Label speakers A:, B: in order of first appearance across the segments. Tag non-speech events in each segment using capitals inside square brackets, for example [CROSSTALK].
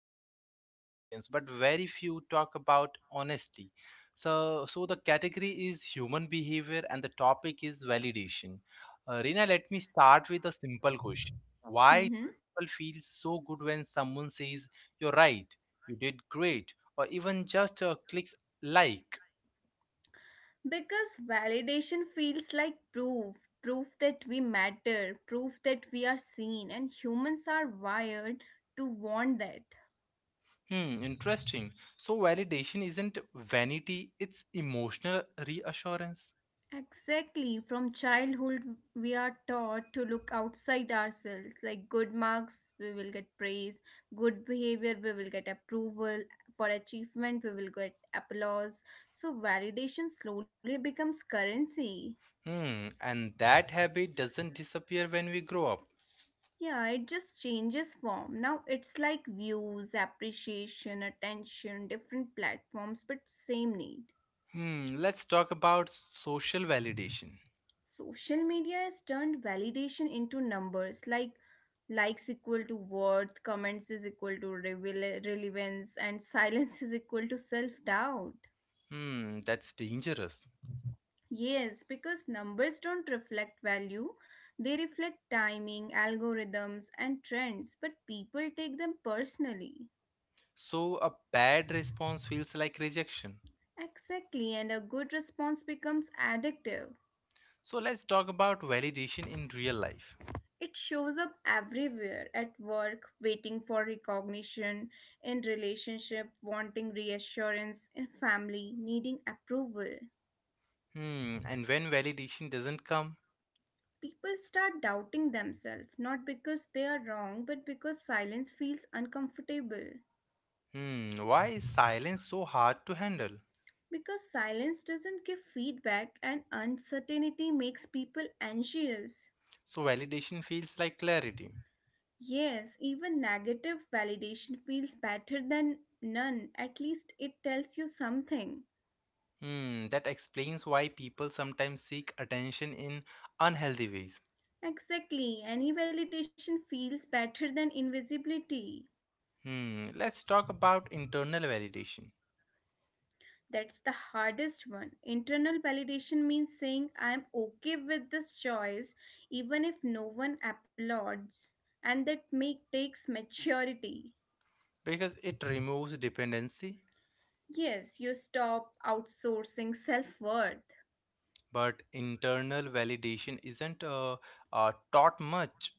A: everyone experiences, but very few talk about honestly. So the category is human behavior, and the topic is validation. Rina, let me start with a simple question: Why do
B: Mhm.
A: people feel so good when someone says you're right, you did great, or even just clicks like?
B: Because validation feels like proof, proof that we matter, proof that we are seen, and humans are wired to want that.
A: Hmm, interesting. So validation isn't vanity, it's emotional reassurance.
B: Exactly, from childhood, we are taught to look outside ourselves. Like good marks, we will get praise, good behavior, we will get approval, for achievement, we will get applause. So, validation slowly becomes currency.
A: Hmm, and that habit doesn't disappear when we grow up.
B: Yeah, it just changes form. Now it's like views, appreciation, attention, different platforms, but same need.
A: Hmm, let's talk about social validation.
B: Social media has turned validation into numbers like likes equal to worth, comments is equal to relevance, and [LAUGHS] silence is equal to self doubt.
A: Hmm, that's dangerous.
B: Yes, because numbers don't reflect value, they reflect timing, algorithms, and trends, but people take them personally.
A: So a bad response feels like rejection.
B: Exactly, and a good response becomes addictive.
A: So let's talk about validation in real life.
B: It shows up everywhere at work, waiting for recognition, in relationship, wanting reassurance, in family, needing approval.
A: Hmm, and when validation doesn't come,
B: People start doubting themselves, not because they are wrong, but because silence feels uncomfortable.
A: hmm, why is silence so hard to handle?
B: Because silence doesn't give feedback, and uncertainty makes people anxious.
A: So validation feels like clarity.
B: Yes, even negative validation feels better than none. At least it tells you something.
A: Hmm, that explains why people sometimes seek attention in unhealthy ways.
B: Exactly, any validation feels better than invisibility.
A: Hmm, let's talk about internal validation
B: That's the hardest one. Internal validation means saying I'm okay with this choice even if no one applauds. And that make takes maturity.
A: because it removes dependency,
B: Yes, you stop outsourcing self-worth
A: but internal validation isn't taught much,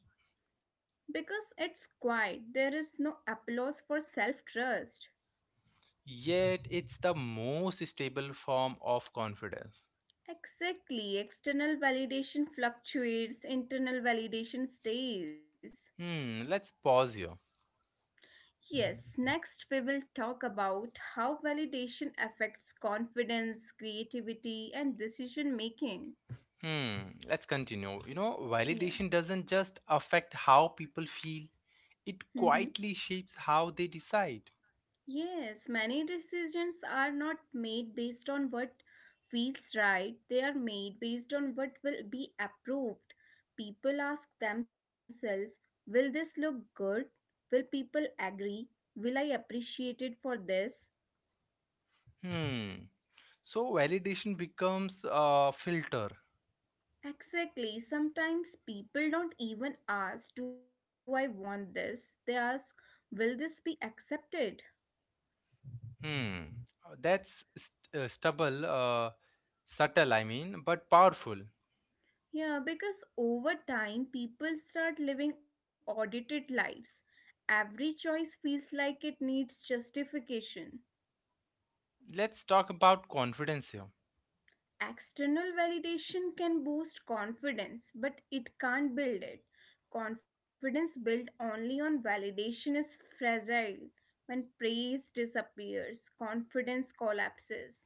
B: because it's quiet. There is no applause for self-trust.
A: yet it's the most stable form of confidence.
B: Exactly. External validation fluctuates, internal validation stays.
A: Hmm, let's pause here.
B: Yes, next we will talk about how validation affects confidence, creativity, and decision making.
A: Hmm, let's continue. You know,
B: Yeah.
A: validation doesn't just affect how people feel, it
B: Mm-hmm.
A: quietly shapes how they decide.
B: Yes, many decisions are not made based on what feels right, they are made based on what will be approved. People ask themselves, will this look good? Will people agree? Will I appreciate it for this?
A: Hmm. So validation becomes a filter.
B: Exactly. Sometimes people don't even ask, do I want this? They ask, will this be accepted?
A: Hmm. That's subtle, but powerful.
B: Yeah, because over time, people start living audited lives. Every choice feels like it needs justification.
A: Let's talk about confidence here.
B: External validation can boost confidence, but it can't build it. Confidence built only on validation is fragile. When praise disappears, confidence collapses.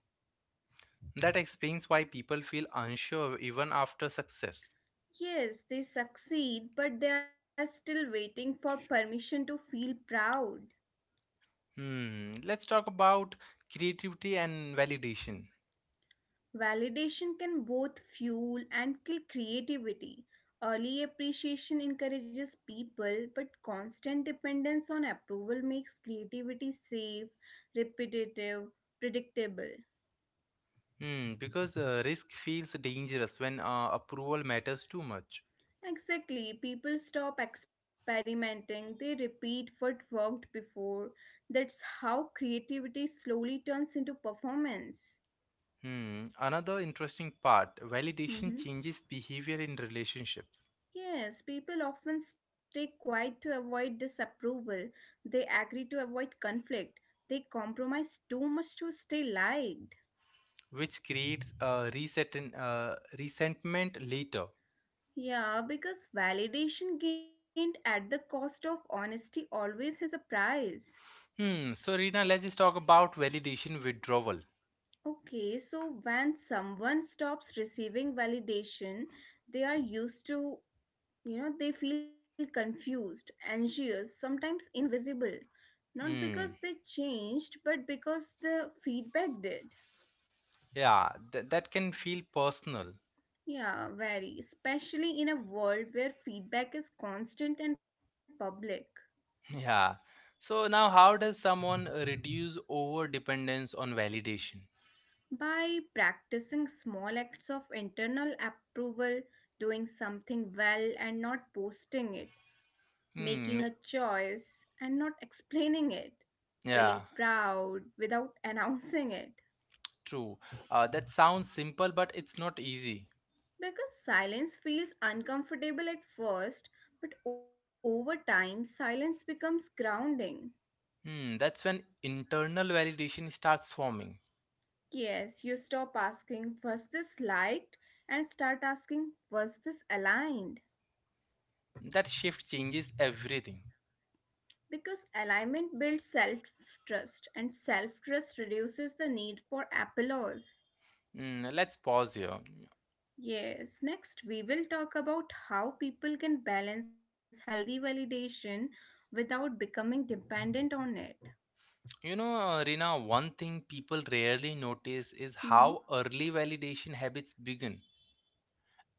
A: That explains why people feel unsure even after success.
B: Yes, they succeed, but they are still waiting for permission to feel proud.
A: Hmm. Let's talk about creativity and validation.
B: Validation can both fuel and kill creativity. Early appreciation encourages people, but constant dependence on approval makes creativity safe, repetitive, predictable.
A: Hmm. Because risk feels dangerous when approval matters too much.
B: Exactly, people stop experimenting, they repeat what worked before. That's how creativity slowly turns into performance.
A: Hmm. Another interesting part validation
B: Mhm.
A: changes behavior in relationships
B: Yes, people often stay quiet to avoid disapproval. They agree to avoid conflict. They compromise too much to stay liked.
A: which creates a reset and resentment later.
B: Yeah, because validation gained at the cost of honesty always has a price.
A: Hmm. So, Rina, let's just talk about validation withdrawal.
B: Okay, so when someone stops receiving validation, they are used to, they feel confused, anxious, sometimes invisible. Not
A: Hmm.
B: because they changed, but because the feedback did.
A: Yeah, that can feel personal.
B: Yeah, very, especially in a world where feedback is constant and public.
A: [LAUGHS] Yeah. So now, how does someone reduce over dependence on validation?
B: By practicing small acts of internal approval, doing something well and not posting it, making a
A: Hmm.
B: choice and not [LAUGHS] explaining it, feeling
A: Yeah.
B: proud without [LAUGHS] announcing it.
A: True. That sounds simple, but it's not easy.
B: Because silence feels uncomfortable at first, but over time, silence becomes grounding.
A: Hmm. That's when internal validation starts forming.
B: Yes, you stop asking, was this liked? And start asking, was this aligned?
A: That shift changes everything.
B: Because alignment builds self trust, and self trust reduces the need for applause.
A: Mm, let's pause here.
B: Yes, next we will talk about how people can balance healthy validation without becoming dependent on it.
A: You know, Rina, one thing people rarely notice is
B: Mm-hmm.
A: how early validation habits begin.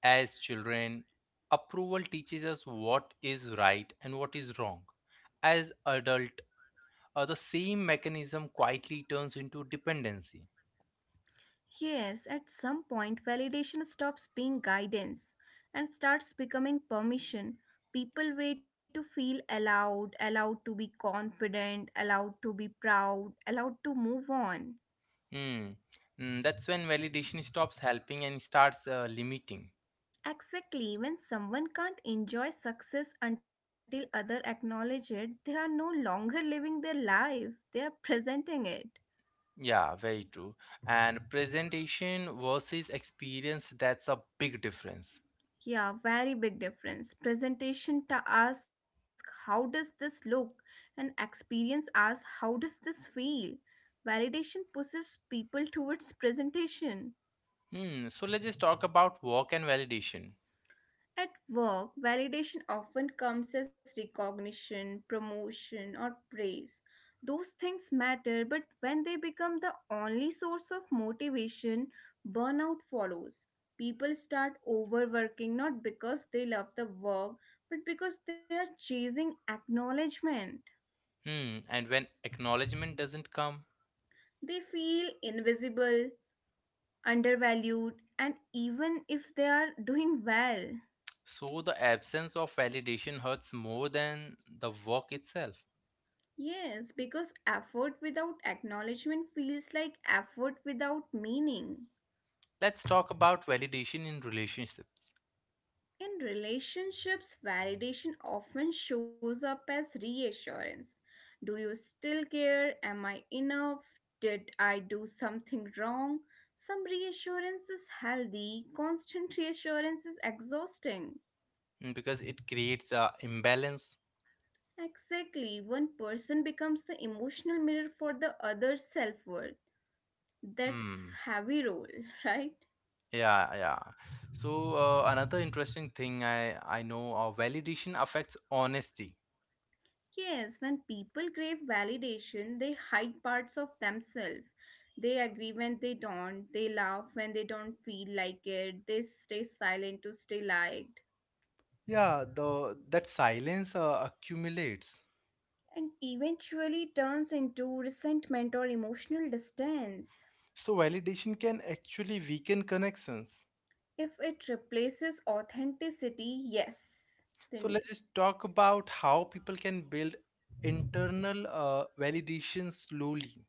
A: As children, approval teaches us what is right and what is wrong. As adult, the same mechanism quietly turns into dependency.
B: Yes, at some point, validation stops being guidance and starts becoming permission. People wait to feel allowed, allowed to be confident, allowed to be proud, allowed to move on.
A: Hmm. Mm, that's when validation stops helping and starts limiting.
B: Exactly, when someone can't enjoy success until others acknowledge it, they are no longer living their life, they are presenting it.
A: Yeah, very true. And presentation versus experience, that's a big difference.
B: Yeah, very big difference. Presentation to ask how does this look and experience asks how does this feel. Validation pushes people towards presentation.
A: Hmm, so let's just talk about work and validation.
B: At work, validation often comes as recognition, promotion, or praise. Those things matter, but when they become the only source of motivation, burnout follows. People start overworking not because they love the work, but because they are chasing acknowledgement.
A: Hmm, and when acknowledgement doesn't come,
B: They feel invisible, undervalued, and even if they are doing well.
A: so the absence of validation hurts more than the work itself.
B: Yes, because effort without acknowledgement feels like effort without meaning.
A: Let's talk about validation in relationships.
B: In relationships, validation often shows up as reassurance. Do you still care? Am I enough? Did I do something wrong? Some reassurance is healthy, constant reassurance is exhausting.
A: Mm, because it creates a imbalance.
B: Exactly, one person becomes the emotional mirror for the other's self worth. That's
A: Hmm.
B: heavy role, [LAUGHS] right?
A: Yeah, yeah. So another interesting thing I know validation affects honesty.
B: Yes, when people crave validation, they hide parts of themselves. They agree when they don't, they laugh when they don't feel like it, they stay silent to stay liked,
A: Yeah, the that silence accumulates.
B: and eventually turns into resentment or emotional distance.
A: So validation can actually weaken connections.
B: If it replaces authenticity, yes, then
A: So let's just
B: yes.
A: talk about how people can build internal validation slowly.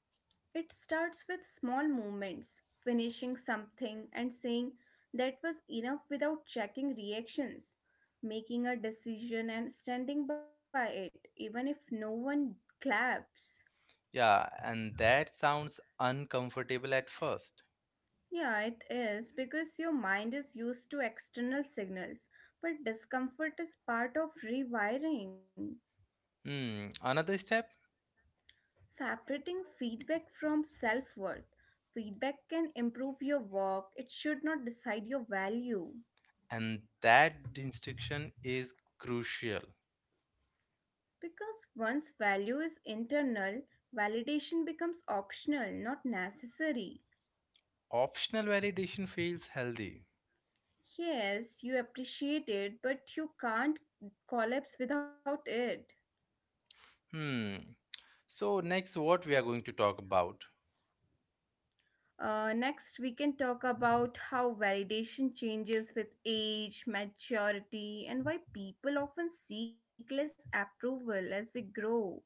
B: It starts with small movements, finishing something and saying that was enough without checking reactions, making a decision and standing by it, even if no one claps.
A: Yeah, and that sounds uncomfortable at first.
B: Yeah, it is because your mind is used to external signals, but discomfort is part of rewiring.
A: Hmm, another step,
B: Separating feedback from self worth. Feedback can improve your work, it should not decide your value.
A: and that distinction is crucial.
B: Because once value is internal, validation becomes optional, not necessary.
A: Optional validation feels healthy.
B: Yes, you appreciate it, but you can't collapse without it.
A: Hmm. So next, what we are going to talk about?
B: Next, we can talk about how validation changes with age, maturity, and why people often seek less approval as they grow.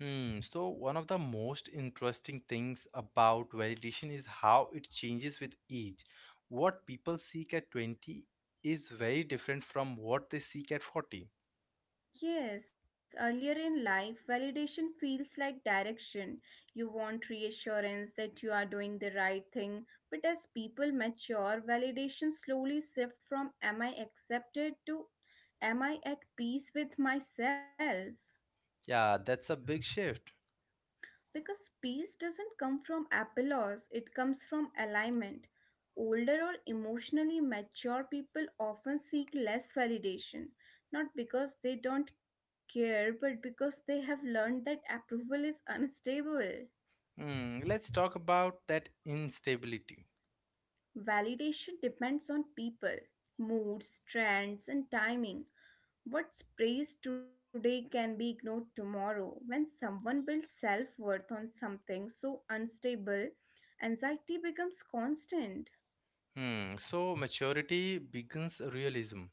A: Hmm. So one of the most interesting things about validation is how it changes with age. What people seek at 20 is very different from what they seek at 40.
B: Yes, earlier in life, validation feels like direction. You want reassurance that you are doing the right thing. But as people mature, validation slowly shifts from am I accepted to am I at peace with myself?
A: Yeah, that's a big shift.
B: Because peace doesn't come from applause, it comes from alignment. Older or emotionally mature people often seek less validation, not because they don't care, but because they have learned that approval is unstable.
A: Hmm. Let's talk about that instability.
B: Validation depends on people, moods, trends, and timing. What's praised today can be ignored tomorrow. When someone builds self worth on something so unstable, anxiety becomes constant.
A: Hmm. So maturity begins realism,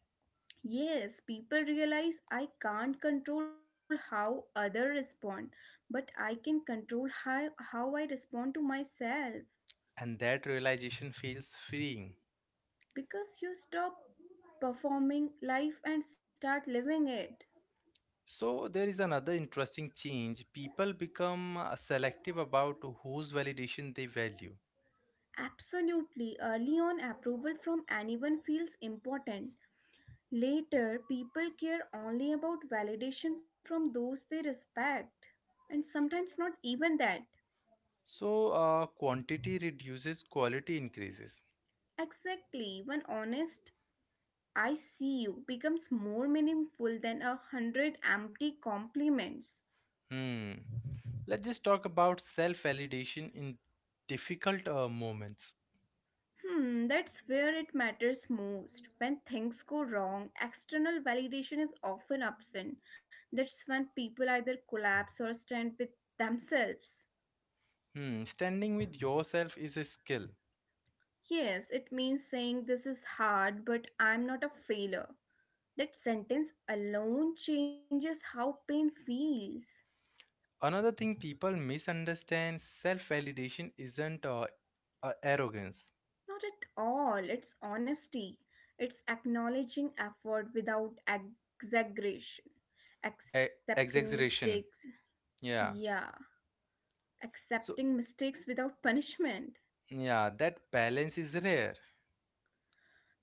B: Yes, people realize I can't control how others respond, but I can control how I respond to myself.
A: and that realization feels freeing.
B: Because you stop performing life and start living it.
A: So there is another interesting change. People become selective about whose validation they value.
B: Absolutely, early on, approval from anyone feels important. Later, people care only about validation from those they respect, and sometimes not even that.
A: So, quantity reduces, quality increases.
B: Exactly, when honest, I see you becomes more meaningful than a hundred empty compliments.
A: Hmm. Let's just talk about self validation in difficult moments.
B: Hmm, that's where it matters most. When things go wrong, external validation is often absent. That's when people either collapse or stand with themselves.
A: Hmm. Standing with yourself is a skill.
B: Yes, it means saying this is hard, but I'm not a failure. That sentence alone changes how pain feels.
A: Another thing people misunderstand self validation isn't arrogance,
B: Not at all. It's honesty. It's acknowledging effort without exaggeration.
A: e-
B: Accepting mistakes.
A: exaggeration. Yeah.
B: Yeah.
A: So,
B: Accepting mistakes without punishment.
A: yeah, that balance is rare.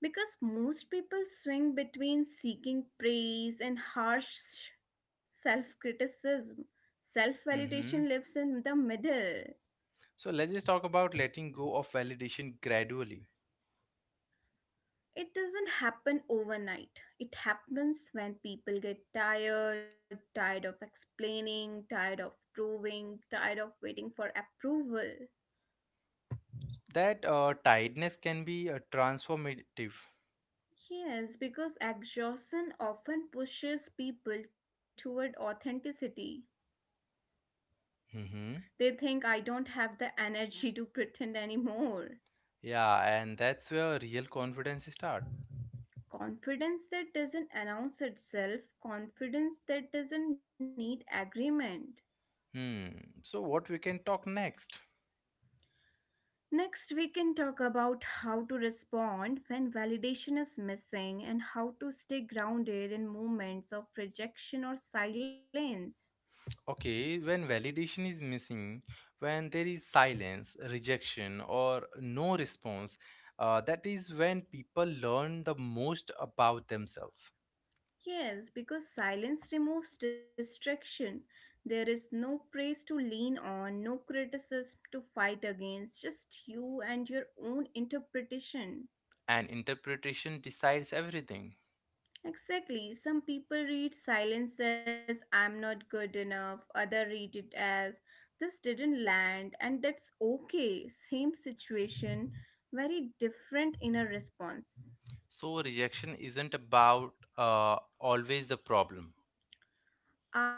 B: Because most people swing between seeking praise and harsh self criticism. Self validation
A: Mm-hmm.
B: lives in the middle.
A: So, let's just talk about letting go of validation gradually.
B: It doesn't happen overnight. It happens when people get tired, tired of explaining, tired of proving, tired of waiting for approval.
A: That tiredness can be transformative.
B: Yes, because exhaustion often pushes people toward authenticity.
A: Hmm.
B: They think I don't have the energy to pretend anymore.
A: Yeah, and that's where real confidence start.
B: Confidence that doesn't announce itself, confidence that doesn't need agreement.
A: Hmm. So what we can talk next?
B: Next, we can talk about how to respond when validation is missing and how to stay grounded in moments of rejection or silence.
A: Okay, when validation is missing, when there is silence, rejection, or no response, that is when people learn the most about themselves.
B: Yes, because silence removes distraction. There is no praise to lean on, no criticism to fight against, just you and your own interpretation.
A: And interpretation decides everything.
B: Exactly. Some people read silence as I'm not good enough, other read it as this didn't land, and that's okay. Same situation, very different inner response.
A: So rejection isn't about always the problem.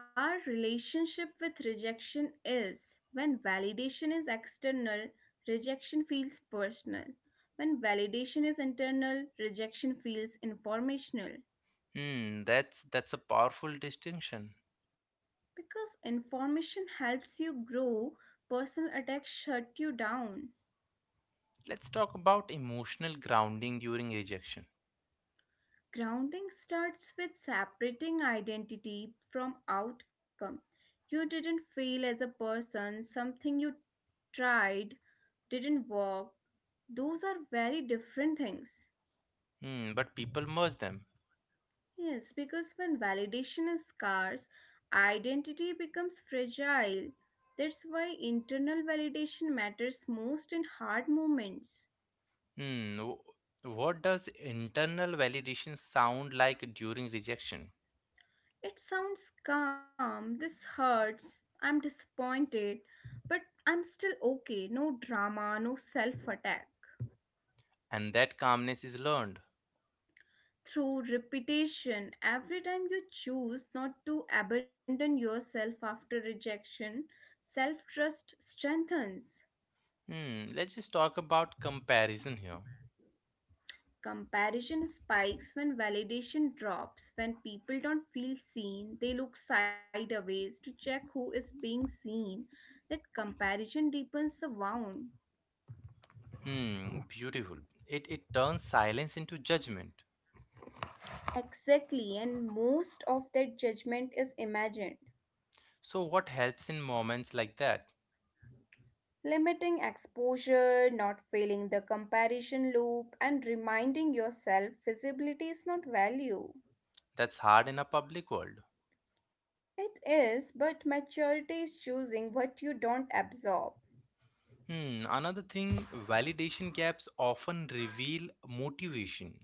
B: Our relationship with rejection is when validation is external, rejection feels personal. When validation is internal, rejection feels informational.
A: Hmm. That's a powerful distinction.
B: Because information helps you grow, personal attacks shut you down.
A: Let's talk about emotional grounding during rejection.
B: Grounding starts with separating identity from outcome. You didn't fail as a person, something you tried didn't work. Those are very different things.
A: Hmm, but people merge them.
B: Yes, because when validation is scarce, identity becomes fragile. That's why internal validation matters most in hard moments.
A: Hmm, what does internal validation sound like during rejection?
B: It sounds calm. This hurts. I'm disappointed. But I'm still okay. No drama, no self attack.
A: And that calmness is learned.
B: Through repetition, every time you choose not to abandon yourself after rejection, self trust strengthens.
A: Hmm, let's just talk about comparison here.
B: Comparison spikes when validation drops, when people don't feel seen, they look sideways to check who is being seen. That comparison deepens the wound.
A: Hmm, beautiful. It turns silence into judgment.
B: Exactly, and most of that judgment is imagined.
A: So what helps in moments like that?
B: Limiting exposure, not failing the comparison loop, and reminding yourself visibility is not value.
A: That's hard in a public world.
B: It is, but maturity is choosing what you don't absorb.
A: Hmm, another thing, validation gaps often reveal motivation.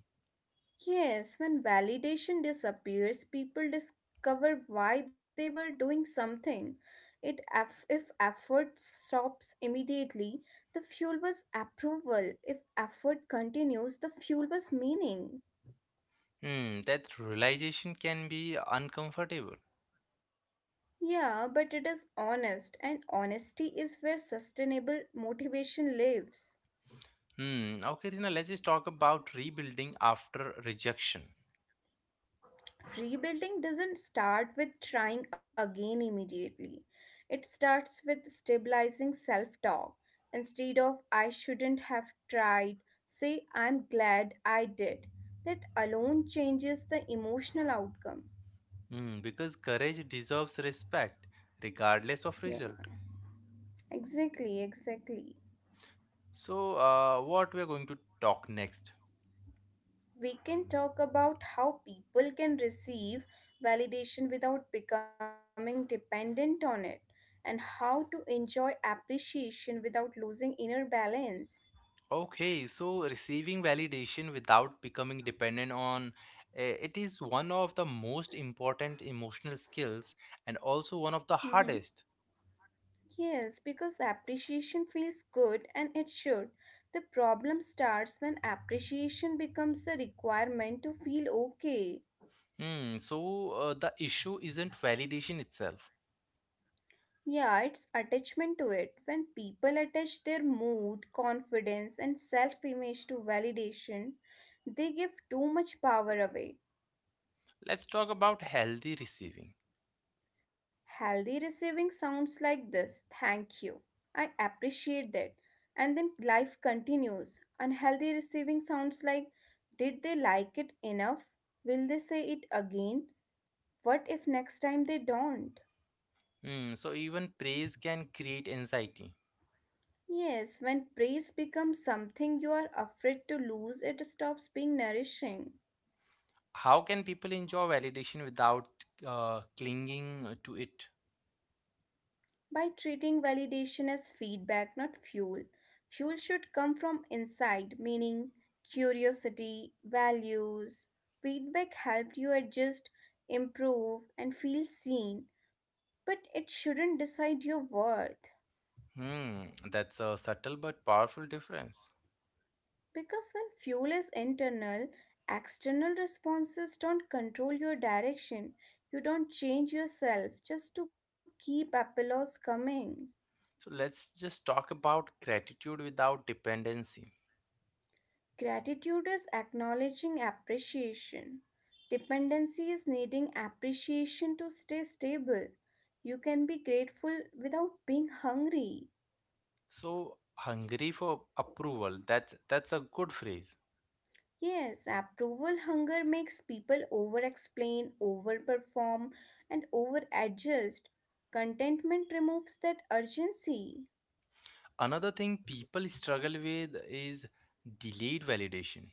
B: Yes, when validation disappears, people discover why they were doing something. If effort stops immediately, the fuel was approval. If effort continues, the fuel was meaning.
A: Hmm, that realization can be uncomfortable.
B: Yeah, but it is honest, and honesty is where sustainable motivation lives.
A: Hmm. Okay, Rina, let's just talk about rebuilding after rejection.
B: Rebuilding doesn't start with trying again immediately. It starts with stabilizing self talk. Instead of I shouldn't have tried, say I'm glad I did. That alone changes the emotional outcome.
A: Hmm. Because courage deserves respect, regardless of
B: Yeah,
A: result.
B: exactly, exactly.
A: So, what we're going to talk next?
B: We can talk about how people can receive validation without becoming dependent on it and how to enjoy appreciation without losing inner balance.
A: Okay, so receiving validation without becoming dependent on it is one of the most important emotional skills and also one of the
B: Mm-hmm.
A: hardest.
B: Yes, because appreciation feels good and it should. The problem starts when appreciation becomes a requirement to feel okay.
A: Hmm. So, the issue isn't validation itself.
B: Yeah, it's attachment to it. When people attach their mood, confidence, and self image to validation, they give too much power away.
A: Let's talk about healthy receiving.
B: Healthy receiving sounds like this thank you. I appreciate that. And then life continues. Unhealthy receiving sounds like did they like it enough? Will they say it again? What if next time they don't?
A: Hmm, so even praise can create anxiety.
B: Yes, when praise becomes something you are afraid to lose, it stops being nourishing.
A: How can people enjoy validation without clinging to it?
B: By treating validation as feedback, not fuel. Fuel should come from inside, meaning curiosity, values. Feedback helped you adjust, improve, and feel seen, but it shouldn't decide your worth.
A: Hmm, that's a subtle but powerful difference.
B: Because when fuel is internal, external responses don't control your direction. You don't change yourself just to keep applause coming.
A: So let's just talk about gratitude without dependency.
B: Gratitude is acknowledging appreciation. Dependency is needing appreciation to stay stable. You can be grateful without being hungry.
A: So hungry for approval. That's a good phrase.
B: Yes, approval hunger makes people over explain, overperform, and over adjust. Contentment removes that urgency.
A: Another thing people struggle with is delayed validation.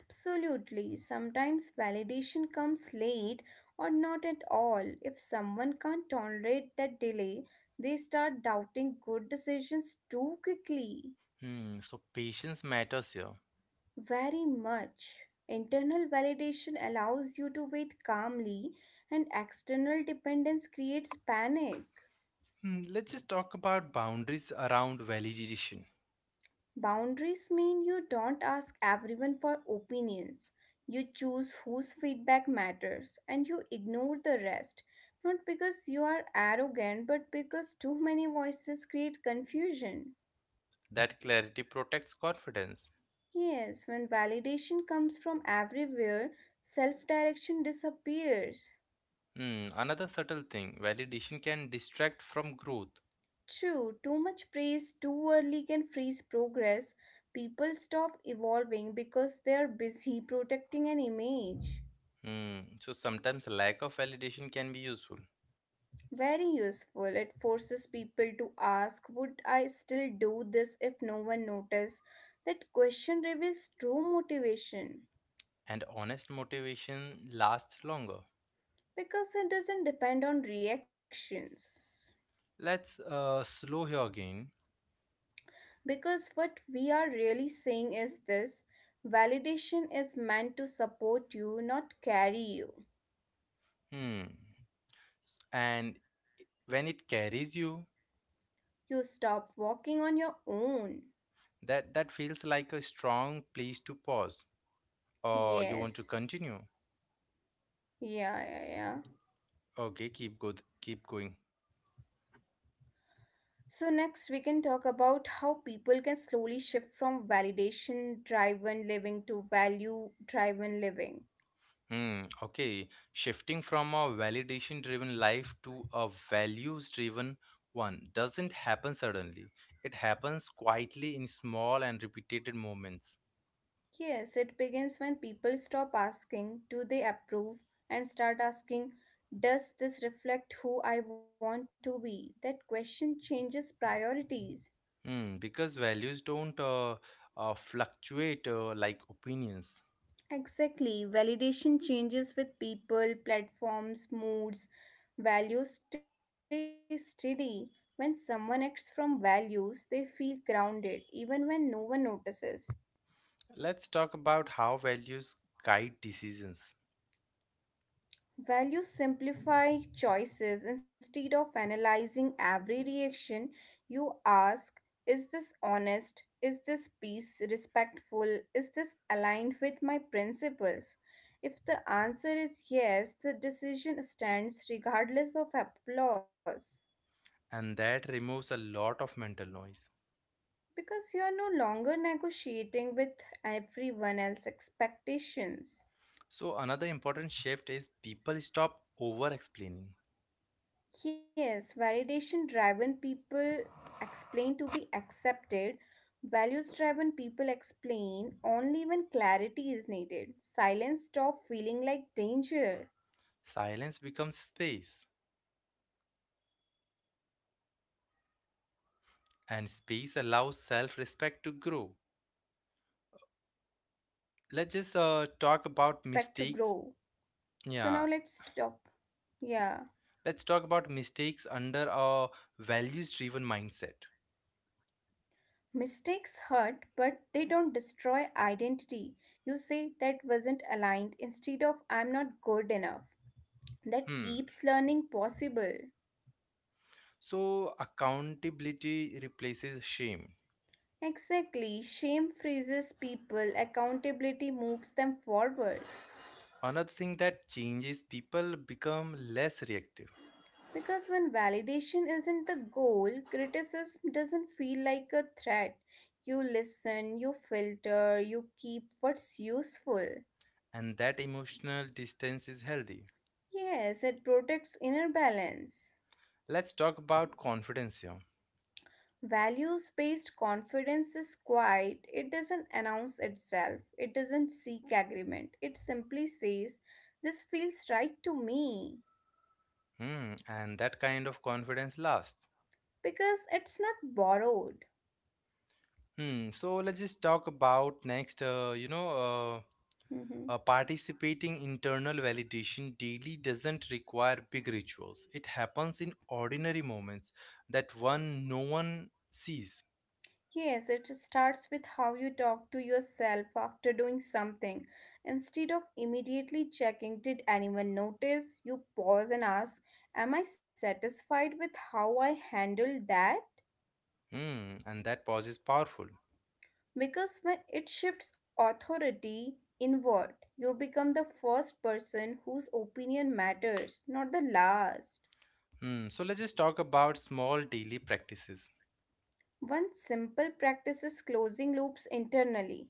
B: Absolutely. Sometimes validation comes late or not at all. If someone can't tolerate that delay, they start doubting good decisions too quickly.
A: Hmm, so patience matters here.
B: Very much. Internal validation allows you to wait calmly, and external dependence creates panic.
A: Hmm, let's just talk about boundaries around validation.
B: Boundaries mean you don't ask everyone for opinions. You choose whose feedback matters and you ignore the rest. Not because you are arrogant, but because too many voices create confusion.
A: That clarity protects confidence.
B: Yes, when validation comes from everywhere, self direction disappears.
A: Hmm, another subtle thing validation can distract from growth.
B: True, too much praise too early can freeze progress. People stop evolving because they are busy [LAUGHS] protecting an image.
A: Hmm, so sometimes lack of validation can be useful,
B: Very useful. It forces people to ask, would I still do this if no one noticed? That question reveals true motivation
A: and honest motivation lasts longer.
B: because it doesn't depend on reactions.
A: Let's slow here again.
B: Because what we are really saying is this validation is meant to support you, not carry you.
A: Hmm, and when it carries you,
B: You stop walking on your own.
A: that feels like a strong place to pause or you want to
B: Yes.
A: continue.
B: Yeah.
A: Okay, keep going.
B: So, next we can talk about how people can slowly shift from validation driven living to value driven living.
A: Hmm, okay. Shifting from a validation driven life to a values driven one doesn't happen suddenly. It happens quietly in small and repeated moments.
B: Yes, it begins when people stop asking, do they approve? And start asking, does this reflect who I want to be? That question changes priorities.
A: Hmm, because values don't fluctuate like opinions.
B: Exactly. Validation changes with people, platforms, moods. Values stay steady. When someone acts from values, they feel grounded, even when no one notices.
A: Let's talk about how values guide decisions,
B: Values simplify choices instead of analyzing every reaction. You ask, is this honest? Is this peace respectful? Is this aligned with my principles? If the answer is yes, the decision stands regardless of applause
A: and that removes a lot of mental noise.
B: because you are no longer negotiating with everyone else's expectations.
A: So, another important shift is people stop over explaining.
B: Yes, validation driven people explain to be accepted. Values driven people explain only when clarity is needed. Silence stop feeling like danger,
A: Silence becomes space
B: right? And silence
A: and
B: becomes
A: space allows
B: space,
A: self-respect to grow.
B: and space allows self respect to grow.
A: Let's just talk about
B: So now let's
A: mistakes.
B: stop.
A: Yeah,
B: Yeah.
A: let's talk about mistakes under a values-driven mindset.
B: Mistakes hurt, but they don't destroy identity. You say that wasn't aligned instead of I'm not good enough. That
A: Hmm.
B: keeps learning possible.
A: So accountability replaces shame.
B: Exactly, shame freezes people, accountability moves them forward.
A: Another thing that changes people become less reactive,
B: Because when validation isn't the goal, criticism doesn't feel like a threat. You listen, you filter, you keep what's useful.
A: and that emotional distance is healthy.
B: Yes, it protects inner balance.
A: Let's talk about confidence here.
B: Values based confidence is quiet, it doesn't announce itself, it doesn't seek agreement, it simply says, this feels right to me
A: Hmm. And that kind of confidence lasts.
B: because it's not borrowed.
A: Hmm. So let's just talk about next.
B: Mhm.
A: Participating internal validation daily doesn't require big rituals. It happens in ordinary moments that one no one sees.
B: Yes, it starts with how you talk to yourself after doing something. Instead of immediately checking, did anyone notice? You pause and ask, am I satisfied with how I handled that?
A: Hmm, and that pause is powerful.
B: Because when it shifts authority inward, you become the first person whose opinion matters, not the last.
A: Hmm, so let's just talk about small daily practices.
B: One simple practice is closing loops internally.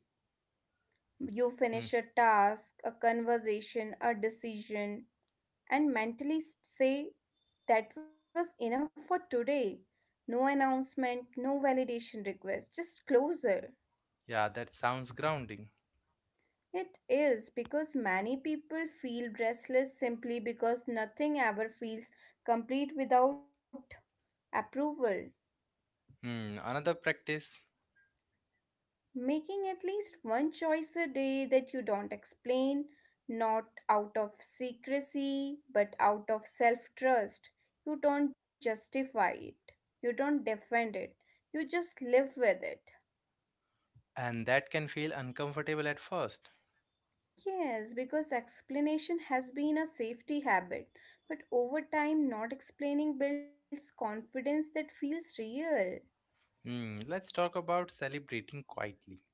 B: You
A: Hmm,
B: finish a task, a conversation, a decision, and mentally say, that was enough for today. No announcement, no validation request, just closer.
A: yeah, that sounds grounding.
B: It is because many people feel restless simply because nothing ever feels complete without approval.
A: Hmm, another practice,
B: Making at least one choice a day that you don't explain, not out of secrecy, but out of self trust. You don't justify it, you don't defend it, you just live with it.
A: and that can feel uncomfortable at first.
B: Yes, because explanation has been a safety habit, but over time, not explaining builds confidence that feels real.
A: Hmm, let's talk about celebrating quietly.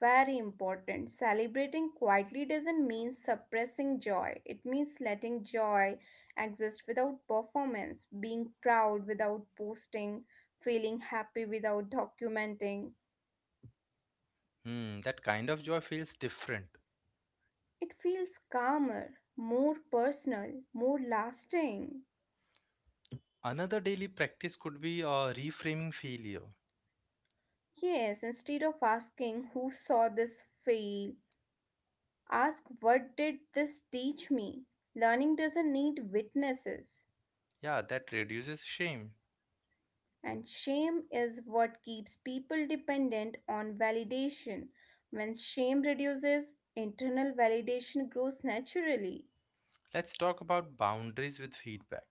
B: Very important. Celebrating quietly doesn't mean suppressing joy, it means letting joy exist without performance, being proud without posting, feeling happy without documenting.
A: Hmm, that kind of joy feels different.
B: It feels calmer, more personal, more lasting.
A: Another daily practice could be reframing failure.
B: Yes, instead of asking who saw this fail, ask what did this teach me? Learning doesn't need witnesses.
A: Yeah, that reduces shame.
B: And shame is what keeps people dependent on validation. When shame reduces, internal validation grows naturally.
A: Let's talk about boundaries with feedback,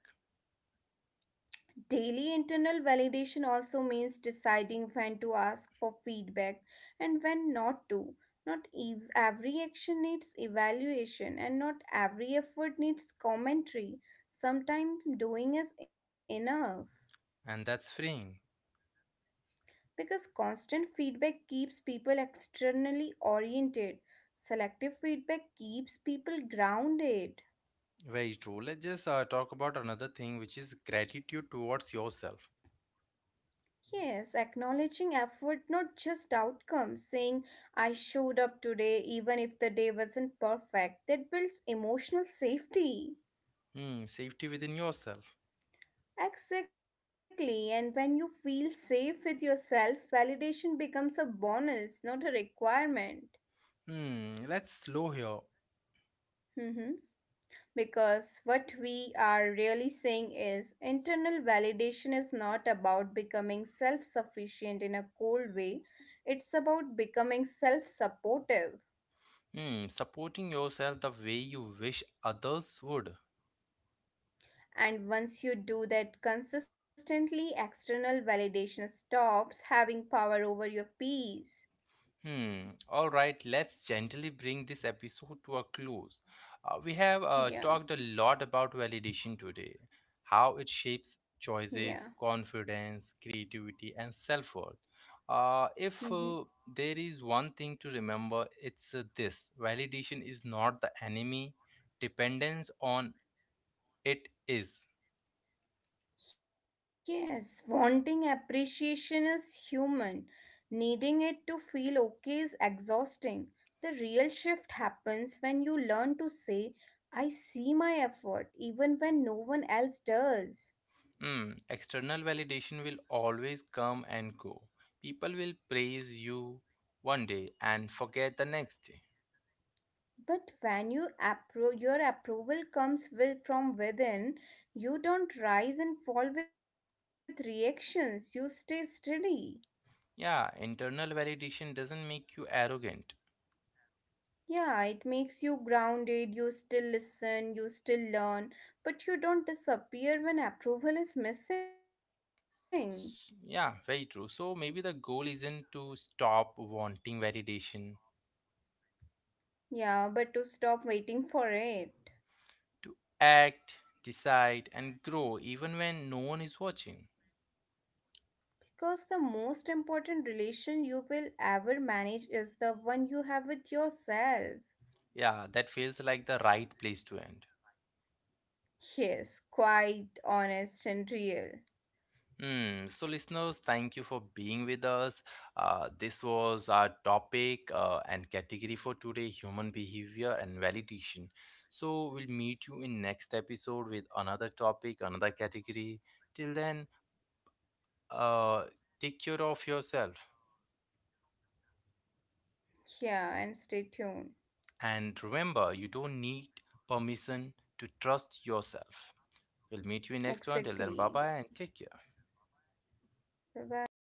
B: Daily internal validation also means deciding when to ask for feedback and when not to. Not every action needs evaluation, and not every effort needs commentary. Sometimes doing is enough.
A: and that's freeing.
B: Because constant feedback keeps people externally oriented, selective feedback keeps people grounded.
A: Very true. Let's just talk about another thing, which is gratitude towards yourself.
B: Yes, acknowledging effort, not just outcomes, saying I showed up today even if the day wasn't perfect, that builds emotional safety.
A: Hmm, safety within yourself.
B: Exactly, and when you feel safe with yourself, validation becomes a bonus, not a requirement.
A: Hmm, let's slow here.
B: Mhm. Because what we are really saying is internal validation is not about becoming self sufficient in a cold way, it's about becoming self supportive.
A: Hmm, supporting yourself the way you wish others would.
B: And once you do that consistently, external validation stops having power over your peace.
A: Hmm. All right, let's gently bring this episode to a close. We have talked a
B: Yeah,
A: lot about validation today, how it shapes
B: yeah.
A: choices, confidence, creativity, and self worth. If
B: Hmm.
A: there is one thing to remember, it's this validation is not the enemy, dependence on it is.
B: Yes, wanting appreciation is human. Needing it to feel okay is exhausting. The real shift happens when you learn to say, I see my effort, even when no one else does.
A: Hmm, external validation will always come and go. People will praise you one day and forget the next day.
B: But when you your approval comes with, from within, you don't rise and fall with reactions, you stay steady.
A: Yeah, internal validation doesn't make you arrogant.
B: Yeah, it makes you grounded, you still listen, you still learn, but you don't disappear when approval is missing.
A: Yeah, very true. So maybe the goal isn't to stop wanting validation,
B: Yeah, but to stop waiting for it.
A: to act, decide, and grow even when no one is watching.
B: Because the most important relation you will ever manage is the one you have with yourself.
A: Yeah, that feels like the right place to end.
B: Yes, quite honest and real.
A: Hmm. So, listeners, thank you for being with us. This was our topic and category for today human behavior and validation. So, we'll meet you in next episode with another topic, another category. Till then, uh, take care of yourself.
B: Yeah, and stay tuned.
A: And remember, you don't need permission to trust yourself. We'll meet you in next one. Till then, bye bye
B: Exactly.
A: and take care.
B: Bye bye.